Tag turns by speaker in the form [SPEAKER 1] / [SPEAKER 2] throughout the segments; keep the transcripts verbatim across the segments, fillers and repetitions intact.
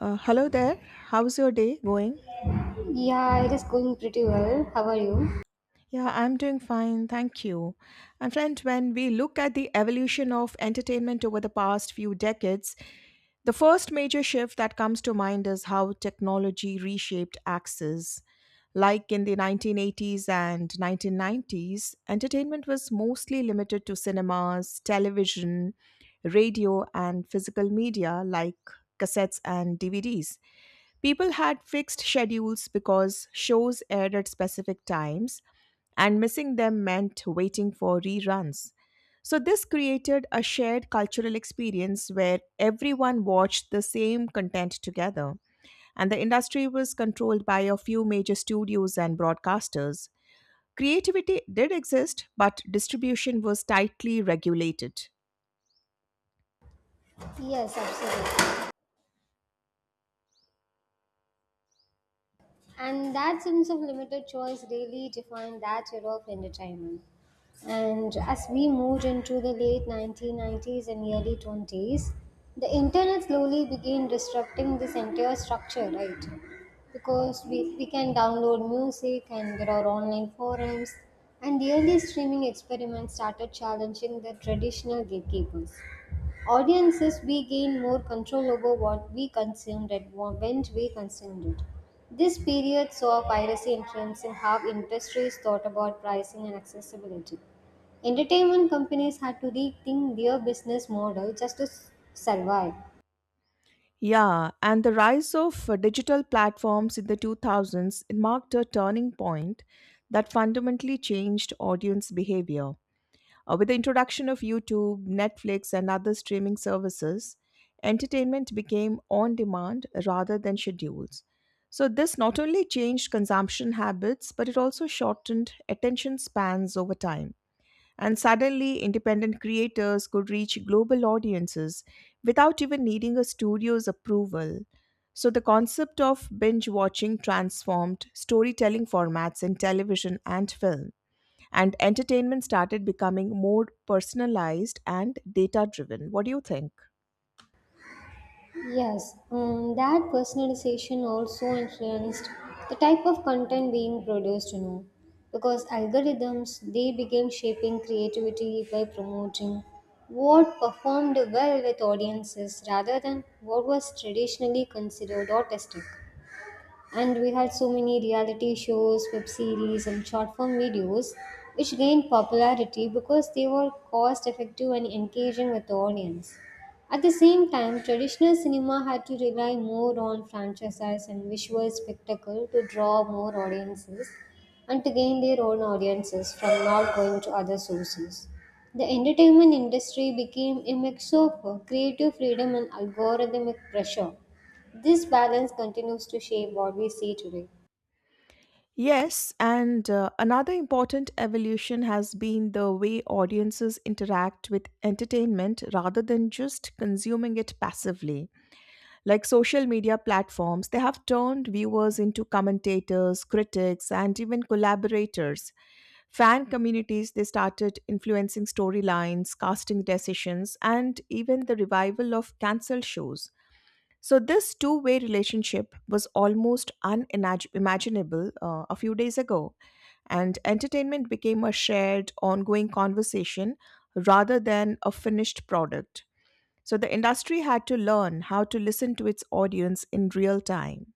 [SPEAKER 1] Uh, hello there. How's your day going?
[SPEAKER 2] Yeah, it is going pretty well. How are you?
[SPEAKER 1] Yeah, I'm doing fine. Thank you. And friend, when we look at the evolution of entertainment over the past few decades, the first major shift that comes to mind is how technology reshaped access. Like in the nineteen eighties and nineteen nineties, entertainment was mostly limited to cinemas, television, radio, and physical media like cassettes and D V Ds. People had fixed schedules because shows aired at specific times, and missing them meant waiting for reruns. So, this created a shared cultural experience where everyone watched the same content together, and the industry was controlled by a few major studios and broadcasters. Creativity did exist, but distribution was tightly regulated.
[SPEAKER 2] Yes, absolutely. And that sense of limited choice really defined that era of entertainment. And as we moved into the late nineteen nineties and early twenties, the internet slowly began disrupting this entire structure, right? Because we, we can download music and there are online forums, and the early streaming experiments started challenging the traditional gatekeepers. Audiences we gain more control over what we consumed and when we consumed it. This period saw piracy influencing how industries thought about pricing and accessibility. Entertainment companies had to rethink their business model just to s- survive.
[SPEAKER 1] Yeah, and the rise of uh, digital platforms in the two thousands marked a turning point that fundamentally changed audience behavior. Uh, with the introduction of YouTube, Netflix, and other streaming services, entertainment became on demand rather than schedules. So, this not only changed consumption habits, but it also shortened attention spans over time. And suddenly, independent creators could reach global audiences without even needing a studio's approval. So, the concept of binge watching transformed storytelling formats in television and film, and entertainment started becoming more personalized and data driven. What do you think?
[SPEAKER 2] Yes, um, that personalization also influenced the type of content being produced, you know, because algorithms they began shaping creativity by promoting what performed well with audiences rather than what was traditionally considered artistic, and we had so many reality shows, web series, and short form videos which gained popularity because they were cost effective and engaging with the audience. At the same time, traditional cinema had to rely more on franchises and visual spectacle to draw more audiences, and to gain their own audiences from not going to other sources. The entertainment industry became a mix of uh, creative freedom and algorithmic pressure. This balance continues to shape what we see today.
[SPEAKER 1] Yes, and uh, another important evolution has been the way audiences interact with entertainment rather than just consuming it passively. Like social media platforms, they have turned viewers into commentators, critics, and even collaborators. Fan communities, they started influencing storylines, casting decisions, and even the revival of cancelled shows. So, this two way relationship was almost unimaginable uh, a few days ago. And entertainment became a shared, ongoing conversation rather than a finished product. So the industry had to learn how to listen to its audience in real time.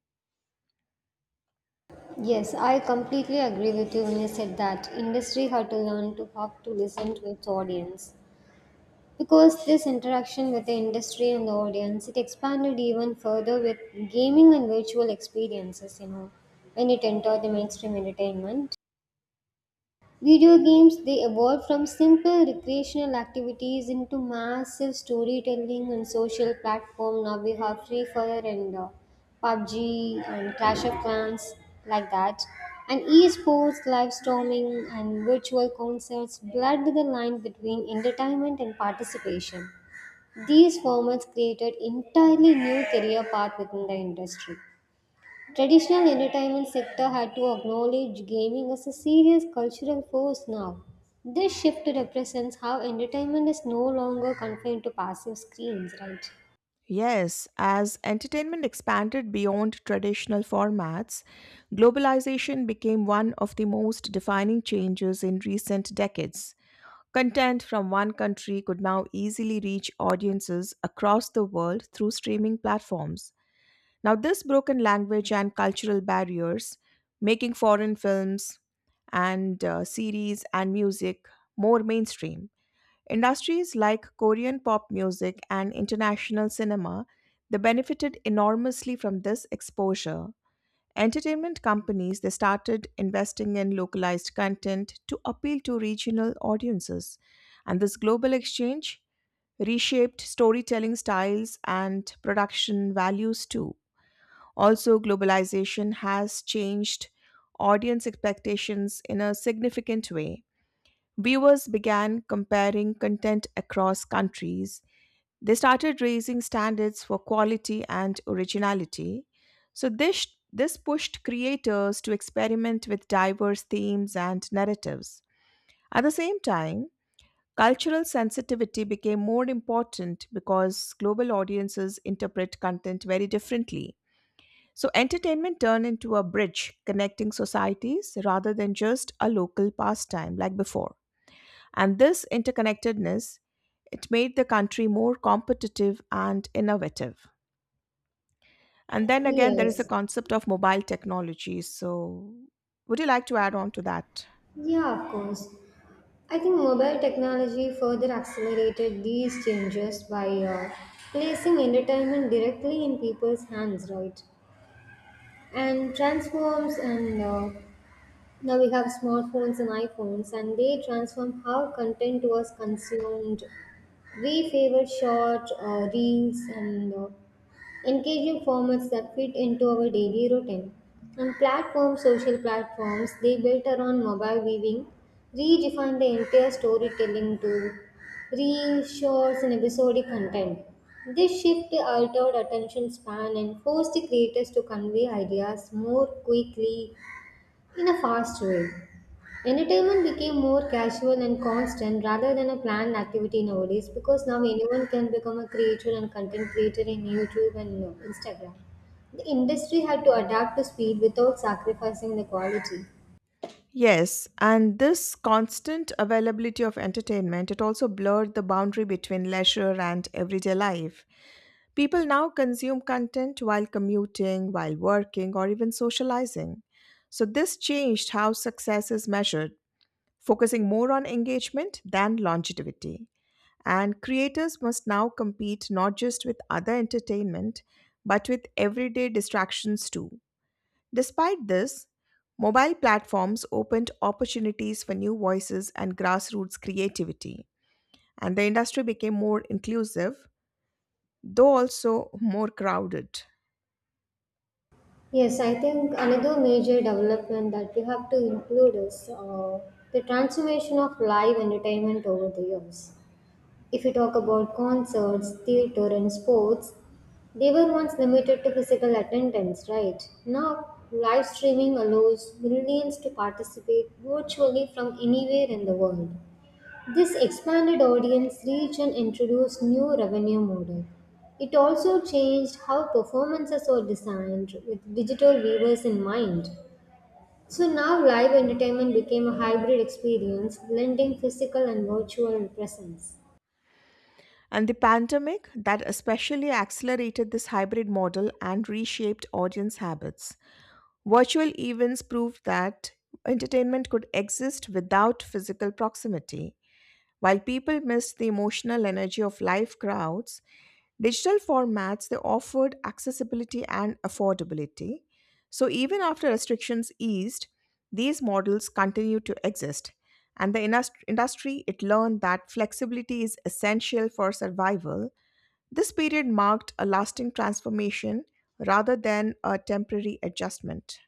[SPEAKER 2] Yes, I completely agree with you when you said that industry had to learn to how to listen to its audience. Because this interaction with the industry and the audience, it expanded even further with gaming and virtual experiences, you know, when it entered the mainstream entertainment. Video games they evolved from simple recreational activities into massive storytelling and social platform. Now we have Free Fire and uh, PUBG and Clash of Clans like that, and esports, live storming, and virtual concerts blurred the line between entertainment and participation. These formats created entirely new career path within the industry. Traditional entertainment sector had to acknowledge gaming as a serious cultural force now. This shift represents how entertainment is no longer confined to passive screens, right?
[SPEAKER 1] Yes, as entertainment expanded beyond traditional formats, globalization became one of the most defining changes in recent decades. Content from one country could now easily reach audiences across the world through streaming platforms. Now, this broken language and cultural barriers, making foreign films and uh, series and music more mainstream. Industries like Korean pop music and international cinema, they benefited enormously from this exposure. Entertainment companies they started investing in localized content to appeal to regional audiences. And this global exchange reshaped storytelling styles and production values too. Also, globalization has changed audience expectations in a significant way. Viewers began comparing content across countries, they started raising standards for quality and originality. So, this, this pushed creators to experiment with diverse themes and narratives. At the same time, cultural sensitivity became more important because global audiences interpret content very differently. So, entertainment turned into a bridge connecting societies rather than just a local pastime like before. And this interconnectedness, it made the country more competitive and innovative. And then again, there is the
[SPEAKER 2] Yes.
[SPEAKER 1] concept of mobile technology. So, would you like to add on to that?
[SPEAKER 2] Yeah, of course. I think mobile technology further accelerated these changes by uh, placing entertainment directly in people's hands, right? And transforms, and uh, Now we have smartphones and iPhones, and they transform how content was consumed. We favor short uh, reels and uh, engaging formats that fit into our daily routine. And platforms, social platforms, they built around mobile viewing, redefine the entire storytelling to reels, shorts, and episodic content. This shift altered attention span and forced the creators to convey ideas more quickly in a fast way. Entertainment became more casual and constant rather than a planned activity nowadays because now anyone can become a creator and content creator in YouTube and uh, Instagram. The industry had to adapt to speed without sacrificing the quality.
[SPEAKER 1] Yes, and this constant availability of entertainment, it also blurred the boundary between leisure and everyday life. People now consume content while commuting, while working, or even socializing. So, this changed how success is measured, focusing more on engagement than longevity. And creators must now compete not just with other entertainment, but with everyday distractions too. Despite this, mobile platforms opened opportunities for new voices and grassroots creativity, and the industry became more inclusive, though also more crowded.
[SPEAKER 2] Yes, I think another major development that we have to include is uh, the transformation of live entertainment over the years. If you talk about concerts, theater, and sports, they were once limited to physical attendance, right? Now, live streaming allows millions to participate virtually from anywhere in the world. This expanded audience reach and introduced new revenue model. It also changed how performances were designed with digital viewers in mind. So now live entertainment became a hybrid experience, blending physical and virtual presence.
[SPEAKER 1] And the pandemic that especially accelerated this hybrid model and reshaped audience habits. Virtual events proved that entertainment could exist without physical proximity. While people missed the emotional energy of live crowds, digital formats they offered accessibility and affordability. So even after restrictions eased, these models continue to exist. And the indus- industry it learned that flexibility is essential for survival. This period marked a lasting transformation rather than a temporary adjustment.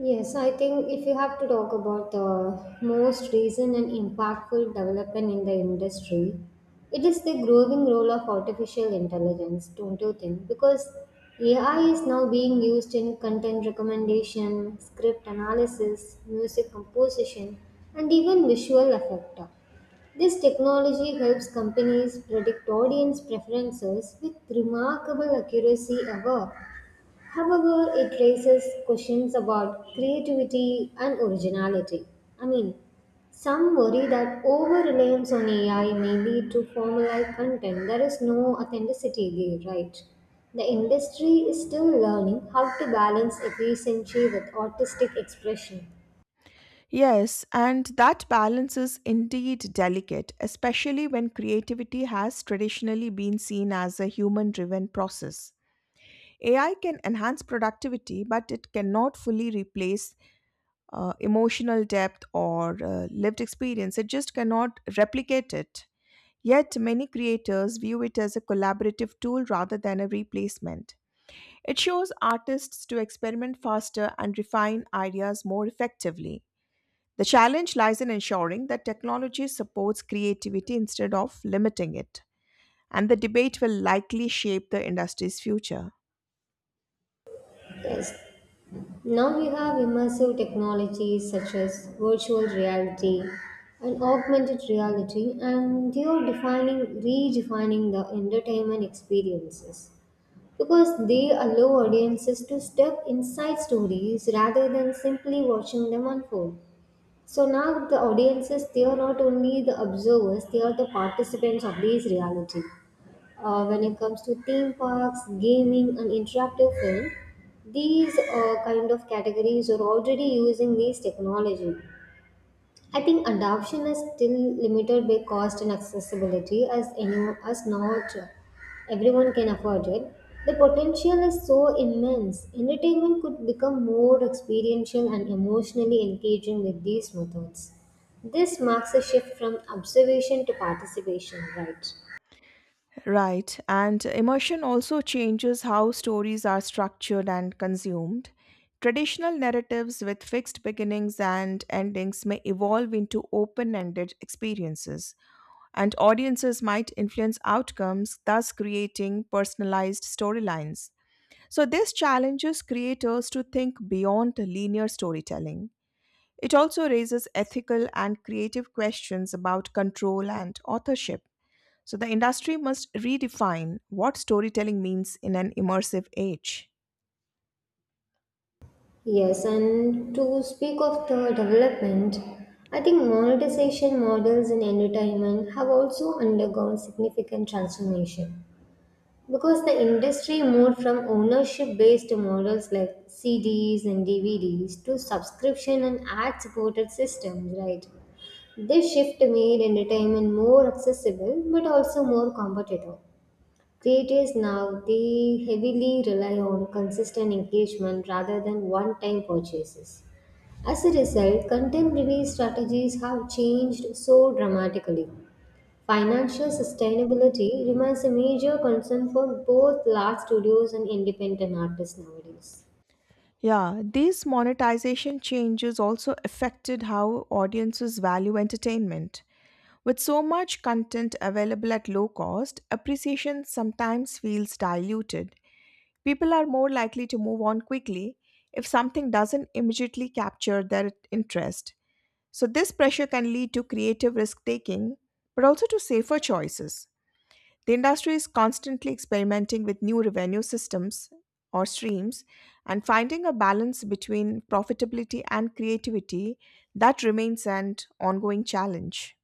[SPEAKER 2] Yes, I think if you have to talk about the most recent and impactful development in the industry, it is the growing role of artificial intelligence, don't you think? Because A I is now being used in content recommendation, script analysis, music composition, and even visual effect. This technology helps companies predict audience preferences with remarkable accuracy ever. However, it raises questions about creativity and originality. I mean, some worry that over reliance on A I may lead to formulaic content. There is no authenticity there, right? The industry is still learning how to balance efficiency with artistic expression.
[SPEAKER 1] Yes, and that balance is indeed delicate, especially when creativity has traditionally been seen as a human driven process. A I can enhance productivity, but it cannot fully replace uh, emotional depth or uh, lived experience. It just cannot replicate it. Yet, many creators view it as a collaborative tool rather than a replacement. It shows artists to experiment faster and refine ideas more effectively. The challenge lies in ensuring that technology supports creativity instead of limiting it, and the debate will likely shape the industry's future.
[SPEAKER 2] Yes, now we have immersive technologies such as virtual reality and augmented reality, and they are defining, redefining the entertainment experiences because they allow audiences to step inside stories rather than simply watching them unfold. So now the audiences, they are not only the observers, they are the participants of these reality. Uh, when it comes to theme parks, gaming, and interactive film, these uh, kind of categories are already using these technology. I think adoption is still limited by cost and accessibility, as anyone, as not everyone can afford it. The potential is so immense. Entertainment could become more experiential and emotionally engaging with these methods. This marks a shift from observation to participation, right?
[SPEAKER 1] Right, and immersion also changes how stories are structured and consumed. Traditional narratives with fixed beginnings and endings may evolve into open ended experiences, and audiences might influence outcomes, thus creating personalized storylines. So, this challenges creators to think beyond linear storytelling. It also raises ethical and creative questions about control and authorship. So, the industry must redefine what storytelling means in an immersive age.
[SPEAKER 2] Yes, and to speak of the development, I think monetization models in entertainment have also undergone significant transformation because the industry moved from ownership based models like C Ds and D V Ds to subscription and ad supported systems, right? This shift made entertainment more accessible but also more competitive. Creators now they heavily rely on consistent engagement rather than one-time purchases. As a result, contemporary strategies have changed so dramatically. Financial sustainability remains a major concern for both large studios and independent artists nowadays.
[SPEAKER 1] Yeah, these monetization changes also affected how audiences value entertainment. With so much content available at low cost, appreciation sometimes feels diluted. People are more likely to move on quickly if something doesn't immediately capture their interest. So, this pressure can lead to creative risk taking, but also to safer choices. The industry is constantly experimenting with new revenue systems or streams and finding a balance between profitability and creativity that remains an ongoing challenge.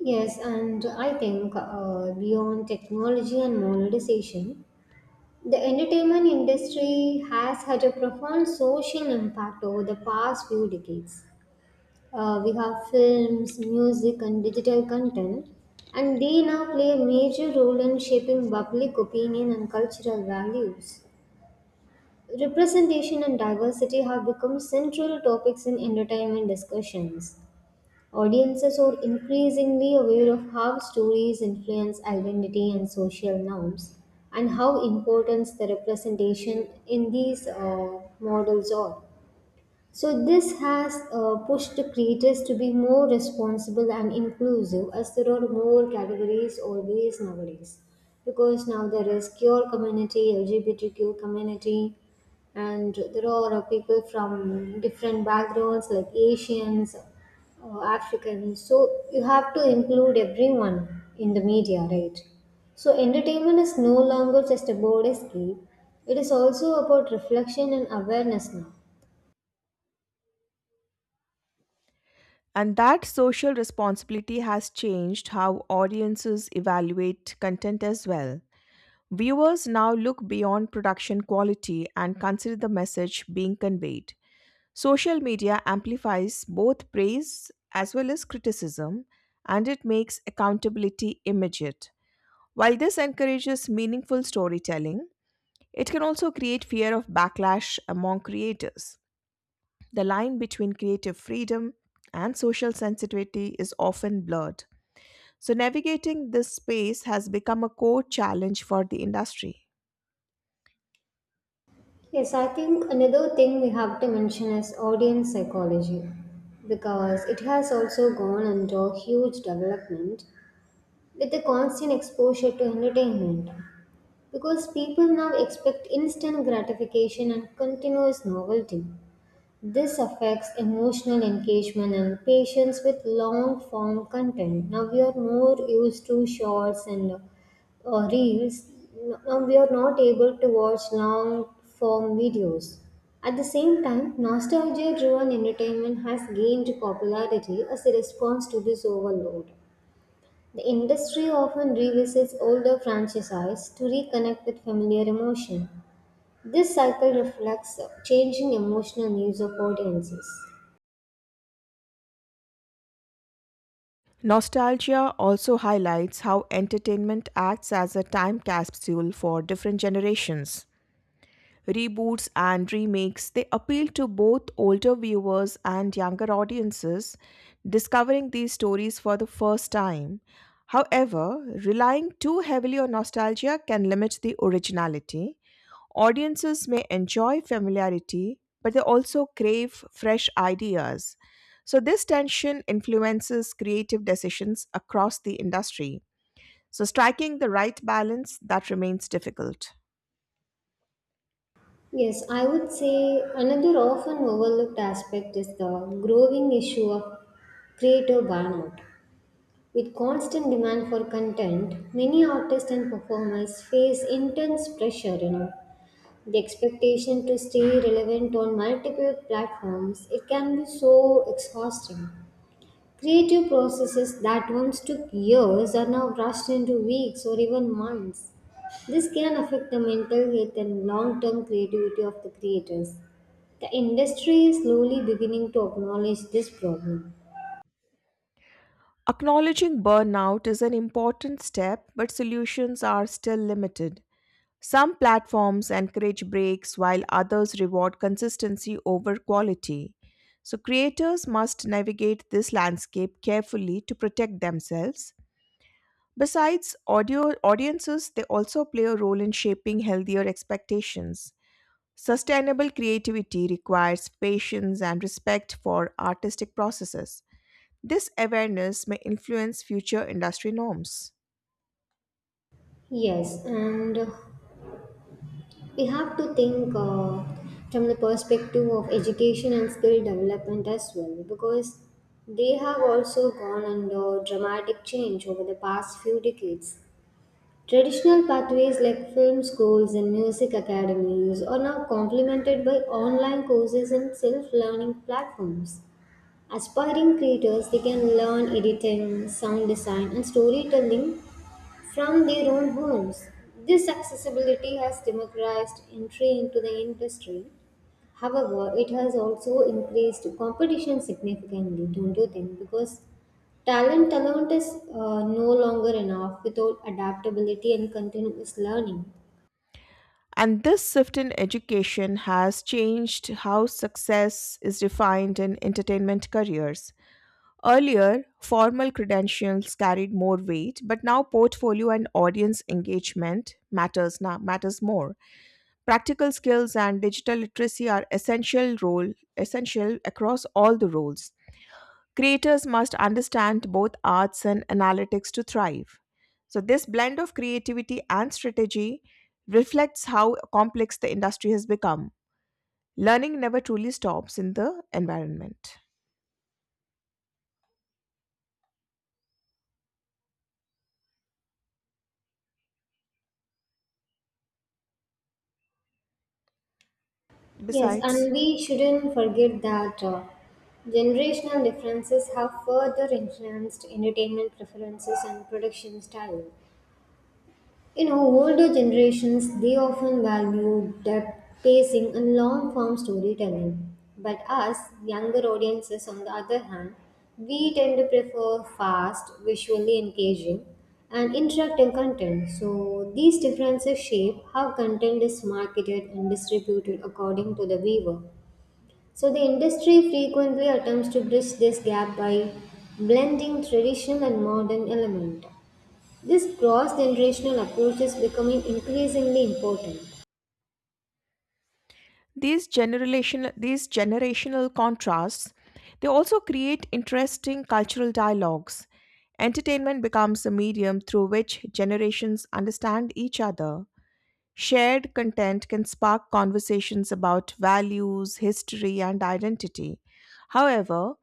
[SPEAKER 2] Yes, and I think uh, beyond technology and monetization, the entertainment industry has had a profound social impact over the past few decades. Uh, we have films, music, and digital content, and they now play a major role in shaping public opinion and cultural values. Representation and diversity have become central topics in entertainment discussions. Audiences are increasingly aware of how stories influence identity and social norms and how important the representation in these uh, models are. So, this has uh, pushed creators to be more responsible and inclusive as there are more categories always nowadays. Because now there is queer community, L G B T Q community, and there are uh, people from different backgrounds like Asians, uh, Africans. So, you have to include everyone in the media, right? So, entertainment is no longer just about escape, it is also about reflection and awareness now.
[SPEAKER 1] And that social responsibility has changed how audiences evaluate content as well. Viewers now look beyond production quality and consider the message being conveyed. Social media amplifies both praise as well as criticism, and it makes accountability immediate. While this encourages meaningful storytelling, it can also create fear of backlash among creators. The line between creative freedom and social sensitivity is often blurred. So, navigating this space has become a core challenge for the industry.
[SPEAKER 2] Yes, I think another thing we have to mention is audience psychology because it has also gone under huge development with the constant exposure to entertainment. Because people now expect instant gratification and continuous novelty, this affects emotional engagement and patience with long form content. Now we are more used to shorts and uh, reels. Now we are not able to watch long form videos. At the same time, nostalgia driven entertainment has gained popularity as a response to this overload. The industry often revisits older franchises to reconnect with familiar emotion. This cycle reflects changing emotional needs of audiences.
[SPEAKER 1] Nostalgia also highlights how entertainment acts as a time capsule for different generations. Reboots and remakes, they appeal to both older viewers and younger audiences discovering these stories for the first time. However, relying too heavily on nostalgia can limit the originality. Audiences may enjoy familiarity, but they also crave fresh ideas. So, this tension influences creative decisions across the industry. So, striking the right balance that remains difficult.
[SPEAKER 2] Yes, I would say another often overlooked aspect is the growing issue of creator burnout. With constant demand for content, many artists and performers face intense pressure, you know. The expectation to stay relevant on multiple platforms, it can be so exhausting. Creative processes that once took years are now rushed into weeks or even months. This can affect the mental health and long term creativity of the creators. The industry is slowly beginning to acknowledge this problem.
[SPEAKER 1] Acknowledging burnout is an important step, but solutions are still limited. Some platforms encourage breaks while others reward consistency over quality. So, creators must navigate this landscape carefully to protect themselves. Besides audio audiences, they also play a role in shaping healthier expectations. Sustainable creativity requires patience and respect for artistic processes. This awareness may influence future industry norms.
[SPEAKER 2] Yes, and uh, we have to think uh, from the perspective of education and skill development as well because they have also gone under dramatic change over the past few decades. Traditional pathways like film schools and music academies are now complemented by online courses and self learning platforms. Aspiring creators, they can learn editing, sound design, and storytelling from their own homes. This accessibility has democratized entry into the industry. However, it has also increased competition significantly, don't you think? Because talent alone is uh, no longer enough without adaptability and continuous learning.
[SPEAKER 1] And this shift in education has changed how success is defined in entertainment careers. Earlier, formal credentials carried more weight, but now portfolio and audience engagement matters now matters more. Practical skills and digital literacy are essential role essential across all the roles. Creators must understand both arts and analytics to thrive. So, this blend of creativity and strategy reflects how complex the industry has become. Learning never truly stops in the environment.
[SPEAKER 2] Yes,
[SPEAKER 1] Besides,
[SPEAKER 2] and we shouldn't forget that uh, generational differences have further influenced entertainment preferences and production style. You know, older generations they often value depth, pacing, and long form storytelling. But us, younger audiences, on the other hand, we tend to prefer fast, visually engaging, and interactive content. So, these differences shape how content is marketed and distributed according to the viewer. So, the industry frequently attempts to bridge this gap by blending traditional and modern element. This cross-generational approach is becoming increasingly important.
[SPEAKER 1] These generational these generational contrasts, they also create interesting cultural dialogues. Entertainment becomes a medium through which generations understand each other. Shared content can spark conversations about values, history, and identity. However,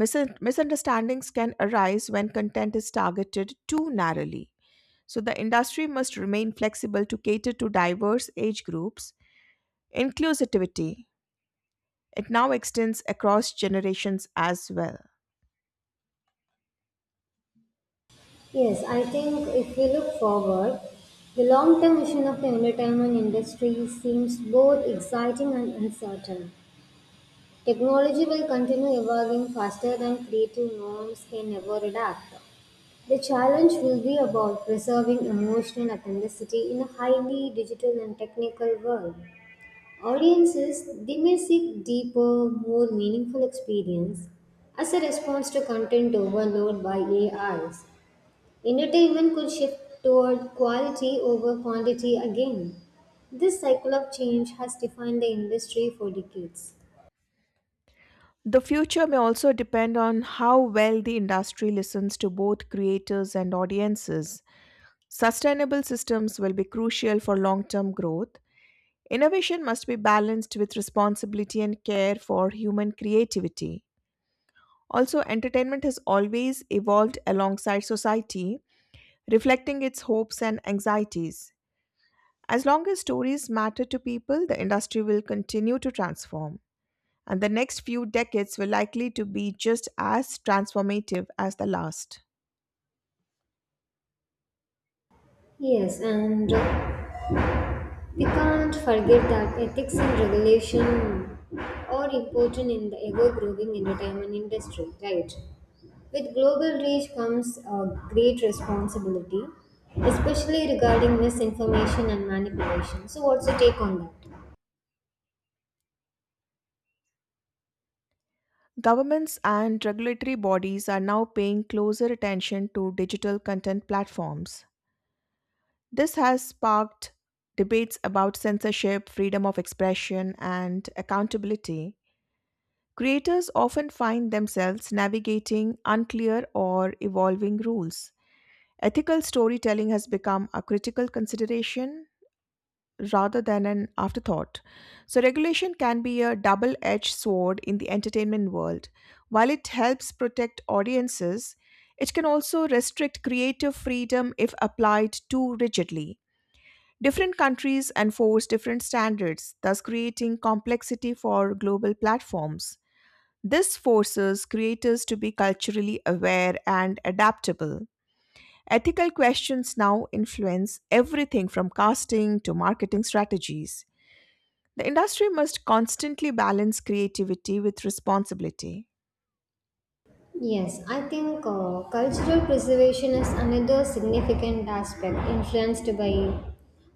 [SPEAKER 1] misun- misunderstandings can arise when content is targeted too narrowly. So, the industry must remain flexible to cater to diverse age groups. Inclusivity. It now extends across generations as well.
[SPEAKER 2] Yes, I think if we look forward, the long-term vision of the entertainment industry seems both exciting and uncertain. Technology will continue evolving faster than creative norms can ever adapt. The challenge will be about preserving emotional authenticity in a highly digital and technical world. Audiences, they may seek deeper, more meaningful experience as a response to content overload by A Is. Entertainment could shift toward quality over quantity again. This cycle of change has defined the industry for decades.
[SPEAKER 1] The future may also depend on how well the industry listens to both creators and audiences. Sustainable systems will be crucial for long term growth. Innovation must be balanced with responsibility and care for human creativity. Also, entertainment has always evolved alongside society, reflecting its hopes and anxieties. As long as stories matter to people, the industry will continue to transform, and the next few decades were likely to be just as transformative as the last.
[SPEAKER 2] Yes, and we can't forget that ethics and regulation are important in the ever growing entertainment industry, right? With global reach comes a great responsibility, especially regarding misinformation and manipulation. So, what's your take on that?
[SPEAKER 1] Governments and regulatory bodies are now paying closer attention to digital content platforms. This has sparked debates about censorship, freedom of expression, and accountability. Creators often find themselves navigating unclear or evolving rules. Ethical storytelling has become a critical consideration rather than an afterthought. So, regulation can be a double edged sword in the entertainment world. While it helps protect audiences, it can also restrict creative freedom if applied too rigidly. Different countries enforce different standards, thus creating complexity for global platforms. This forces creators to be culturally aware and adaptable. Ethical questions now influence everything from casting to marketing strategies. The industry must constantly balance creativity with responsibility.
[SPEAKER 2] Yes, I think uh, cultural preservation is another significant aspect influenced by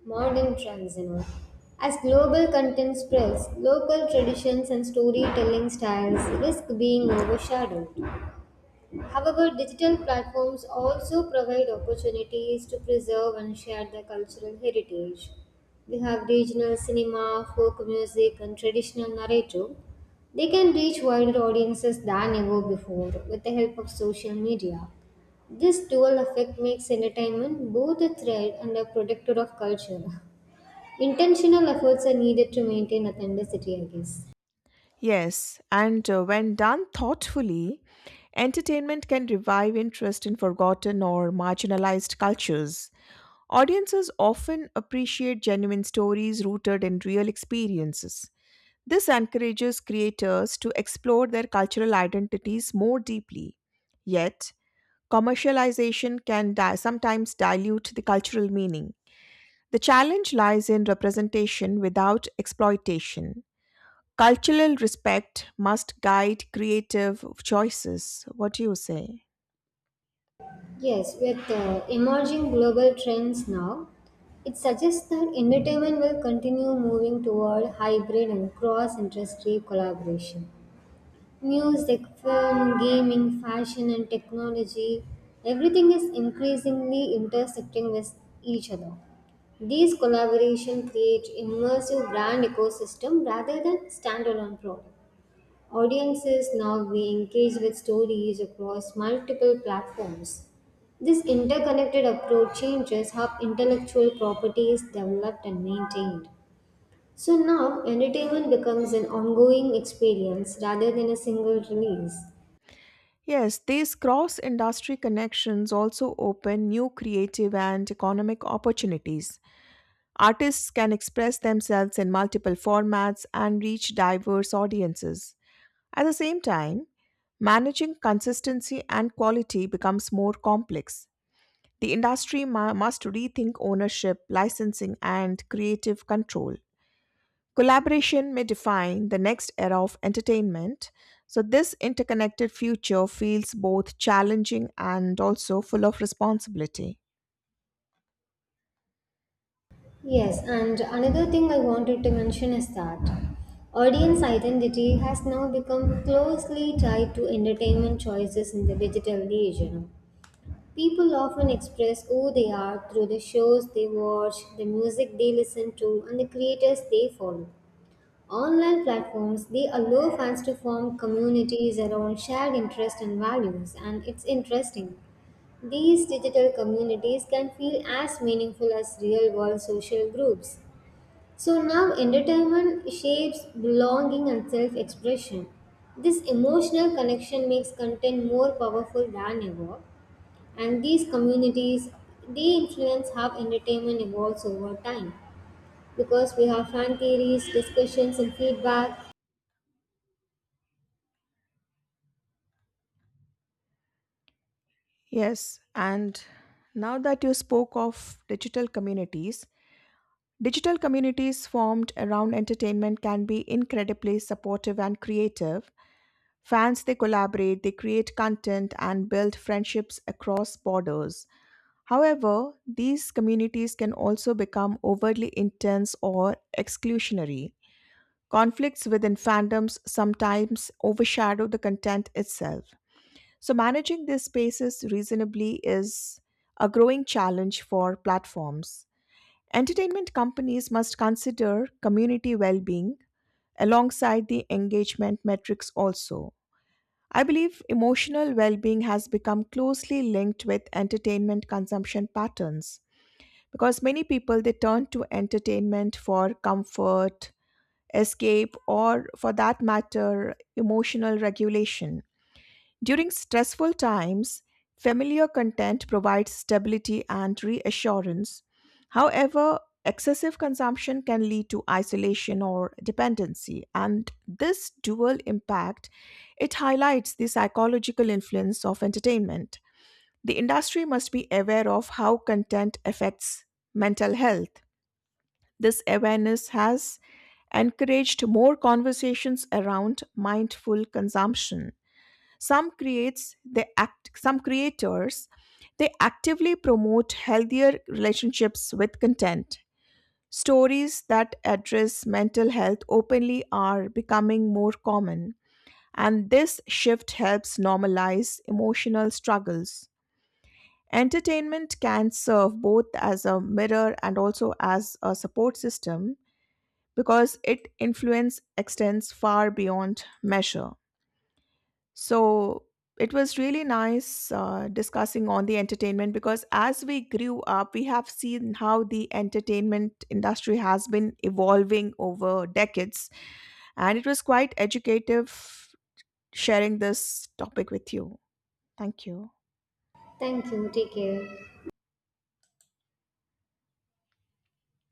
[SPEAKER 2] modern trends, you know. As global content spreads, local traditions and storytelling styles risk being overshadowed. However, digital platforms also provide opportunities to preserve and share their cultural heritage. We have regional cinema, folk music, and traditional narrative. They can reach wider audiences than ever before with the help of social media. This dual effect makes entertainment both a threat and a protector of culture. Intentional efforts are needed to maintain authenticity, I guess.
[SPEAKER 1] Yes, and uh, when done thoughtfully, entertainment can revive interest in forgotten or marginalized cultures. Audiences often appreciate genuine stories rooted in real experiences. This encourages creators to explore their cultural identities more deeply. Yet, commercialization can di- sometimes dilute the cultural meaning. The challenge lies in representation without exploitation. Cultural respect must guide creative choices. What do you say?
[SPEAKER 2] Yes, with uh, emerging global trends now, it suggests that entertainment will continue moving toward hybrid and cross industry collaboration. Music, film, gaming, fashion, and technology, everything is increasingly intersecting with each other. These collaboration create immersive brand ecosystem rather than standalone products. Audiences now we engage with stories across multiple platforms. This interconnected approach changes how intellectual property is developed and maintained. So now entertainment becomes an ongoing experience rather than a single release.
[SPEAKER 1] Yes, these cross industry connections also open new creative and economic opportunities. Artists can express themselves in multiple formats and reach diverse audiences. At the same time, managing consistency and quality becomes more complex. The industry ma- must rethink ownership, licensing, and creative control. Collaboration may define the next era of entertainment, so, this interconnected future feels both challenging and also full of responsibility.
[SPEAKER 2] Yes, and another thing I wanted to mention is that audience identity has now become closely tied to entertainment choices in the digital age, you know. People often express who they are through the shows they watch, the music they listen to, and the creators they follow. Online platforms they allow fans to form communities around shared interests and values, and it's interesting. These digital communities can feel as meaningful as real world social groups. So now entertainment shapes belonging and self expression. This emotional connection makes content more powerful than ever, and these communities they influence how entertainment evolves over time because we have fan theories discussions and feedback.
[SPEAKER 1] Yes, and now that you spoke of digital communities, digital communities formed around entertainment can be incredibly supportive and creative. Fans they collaborate, they create content and build friendships across borders. However, these communities can also become overly intense or exclusionary. Conflicts within fandoms sometimes overshadow the content itself. So managing these spaces reasonably is a growing challenge for platforms. Entertainment companies must consider community well being alongside the engagement metrics also. I believe emotional well being has become closely linked with entertainment consumption patterns because many people they turn to entertainment for comfort, escape, or for that matter, emotional regulation. During stressful times, familiar content provides stability and reassurance. However, excessive consumption can lead to isolation or dependency, and this dual impact it highlights the psychological influence of entertainment. The industry must be aware of how content affects mental health. This awareness has encouraged more conversations around mindful consumption. Some creates they act some creators they actively promote healthier relationships with content. Stories that address mental health openly are becoming more common, and this shift helps normalize emotional struggles. Entertainment can serve both as a mirror and also as a support system, because its influence extends far beyond measure. So, it was really nice uh, discussing on the entertainment because as we grew up, we have seen how the entertainment industry has been evolving over decades. And it was quite educative sharing this topic with you. Thank you.
[SPEAKER 2] Thank you, take care.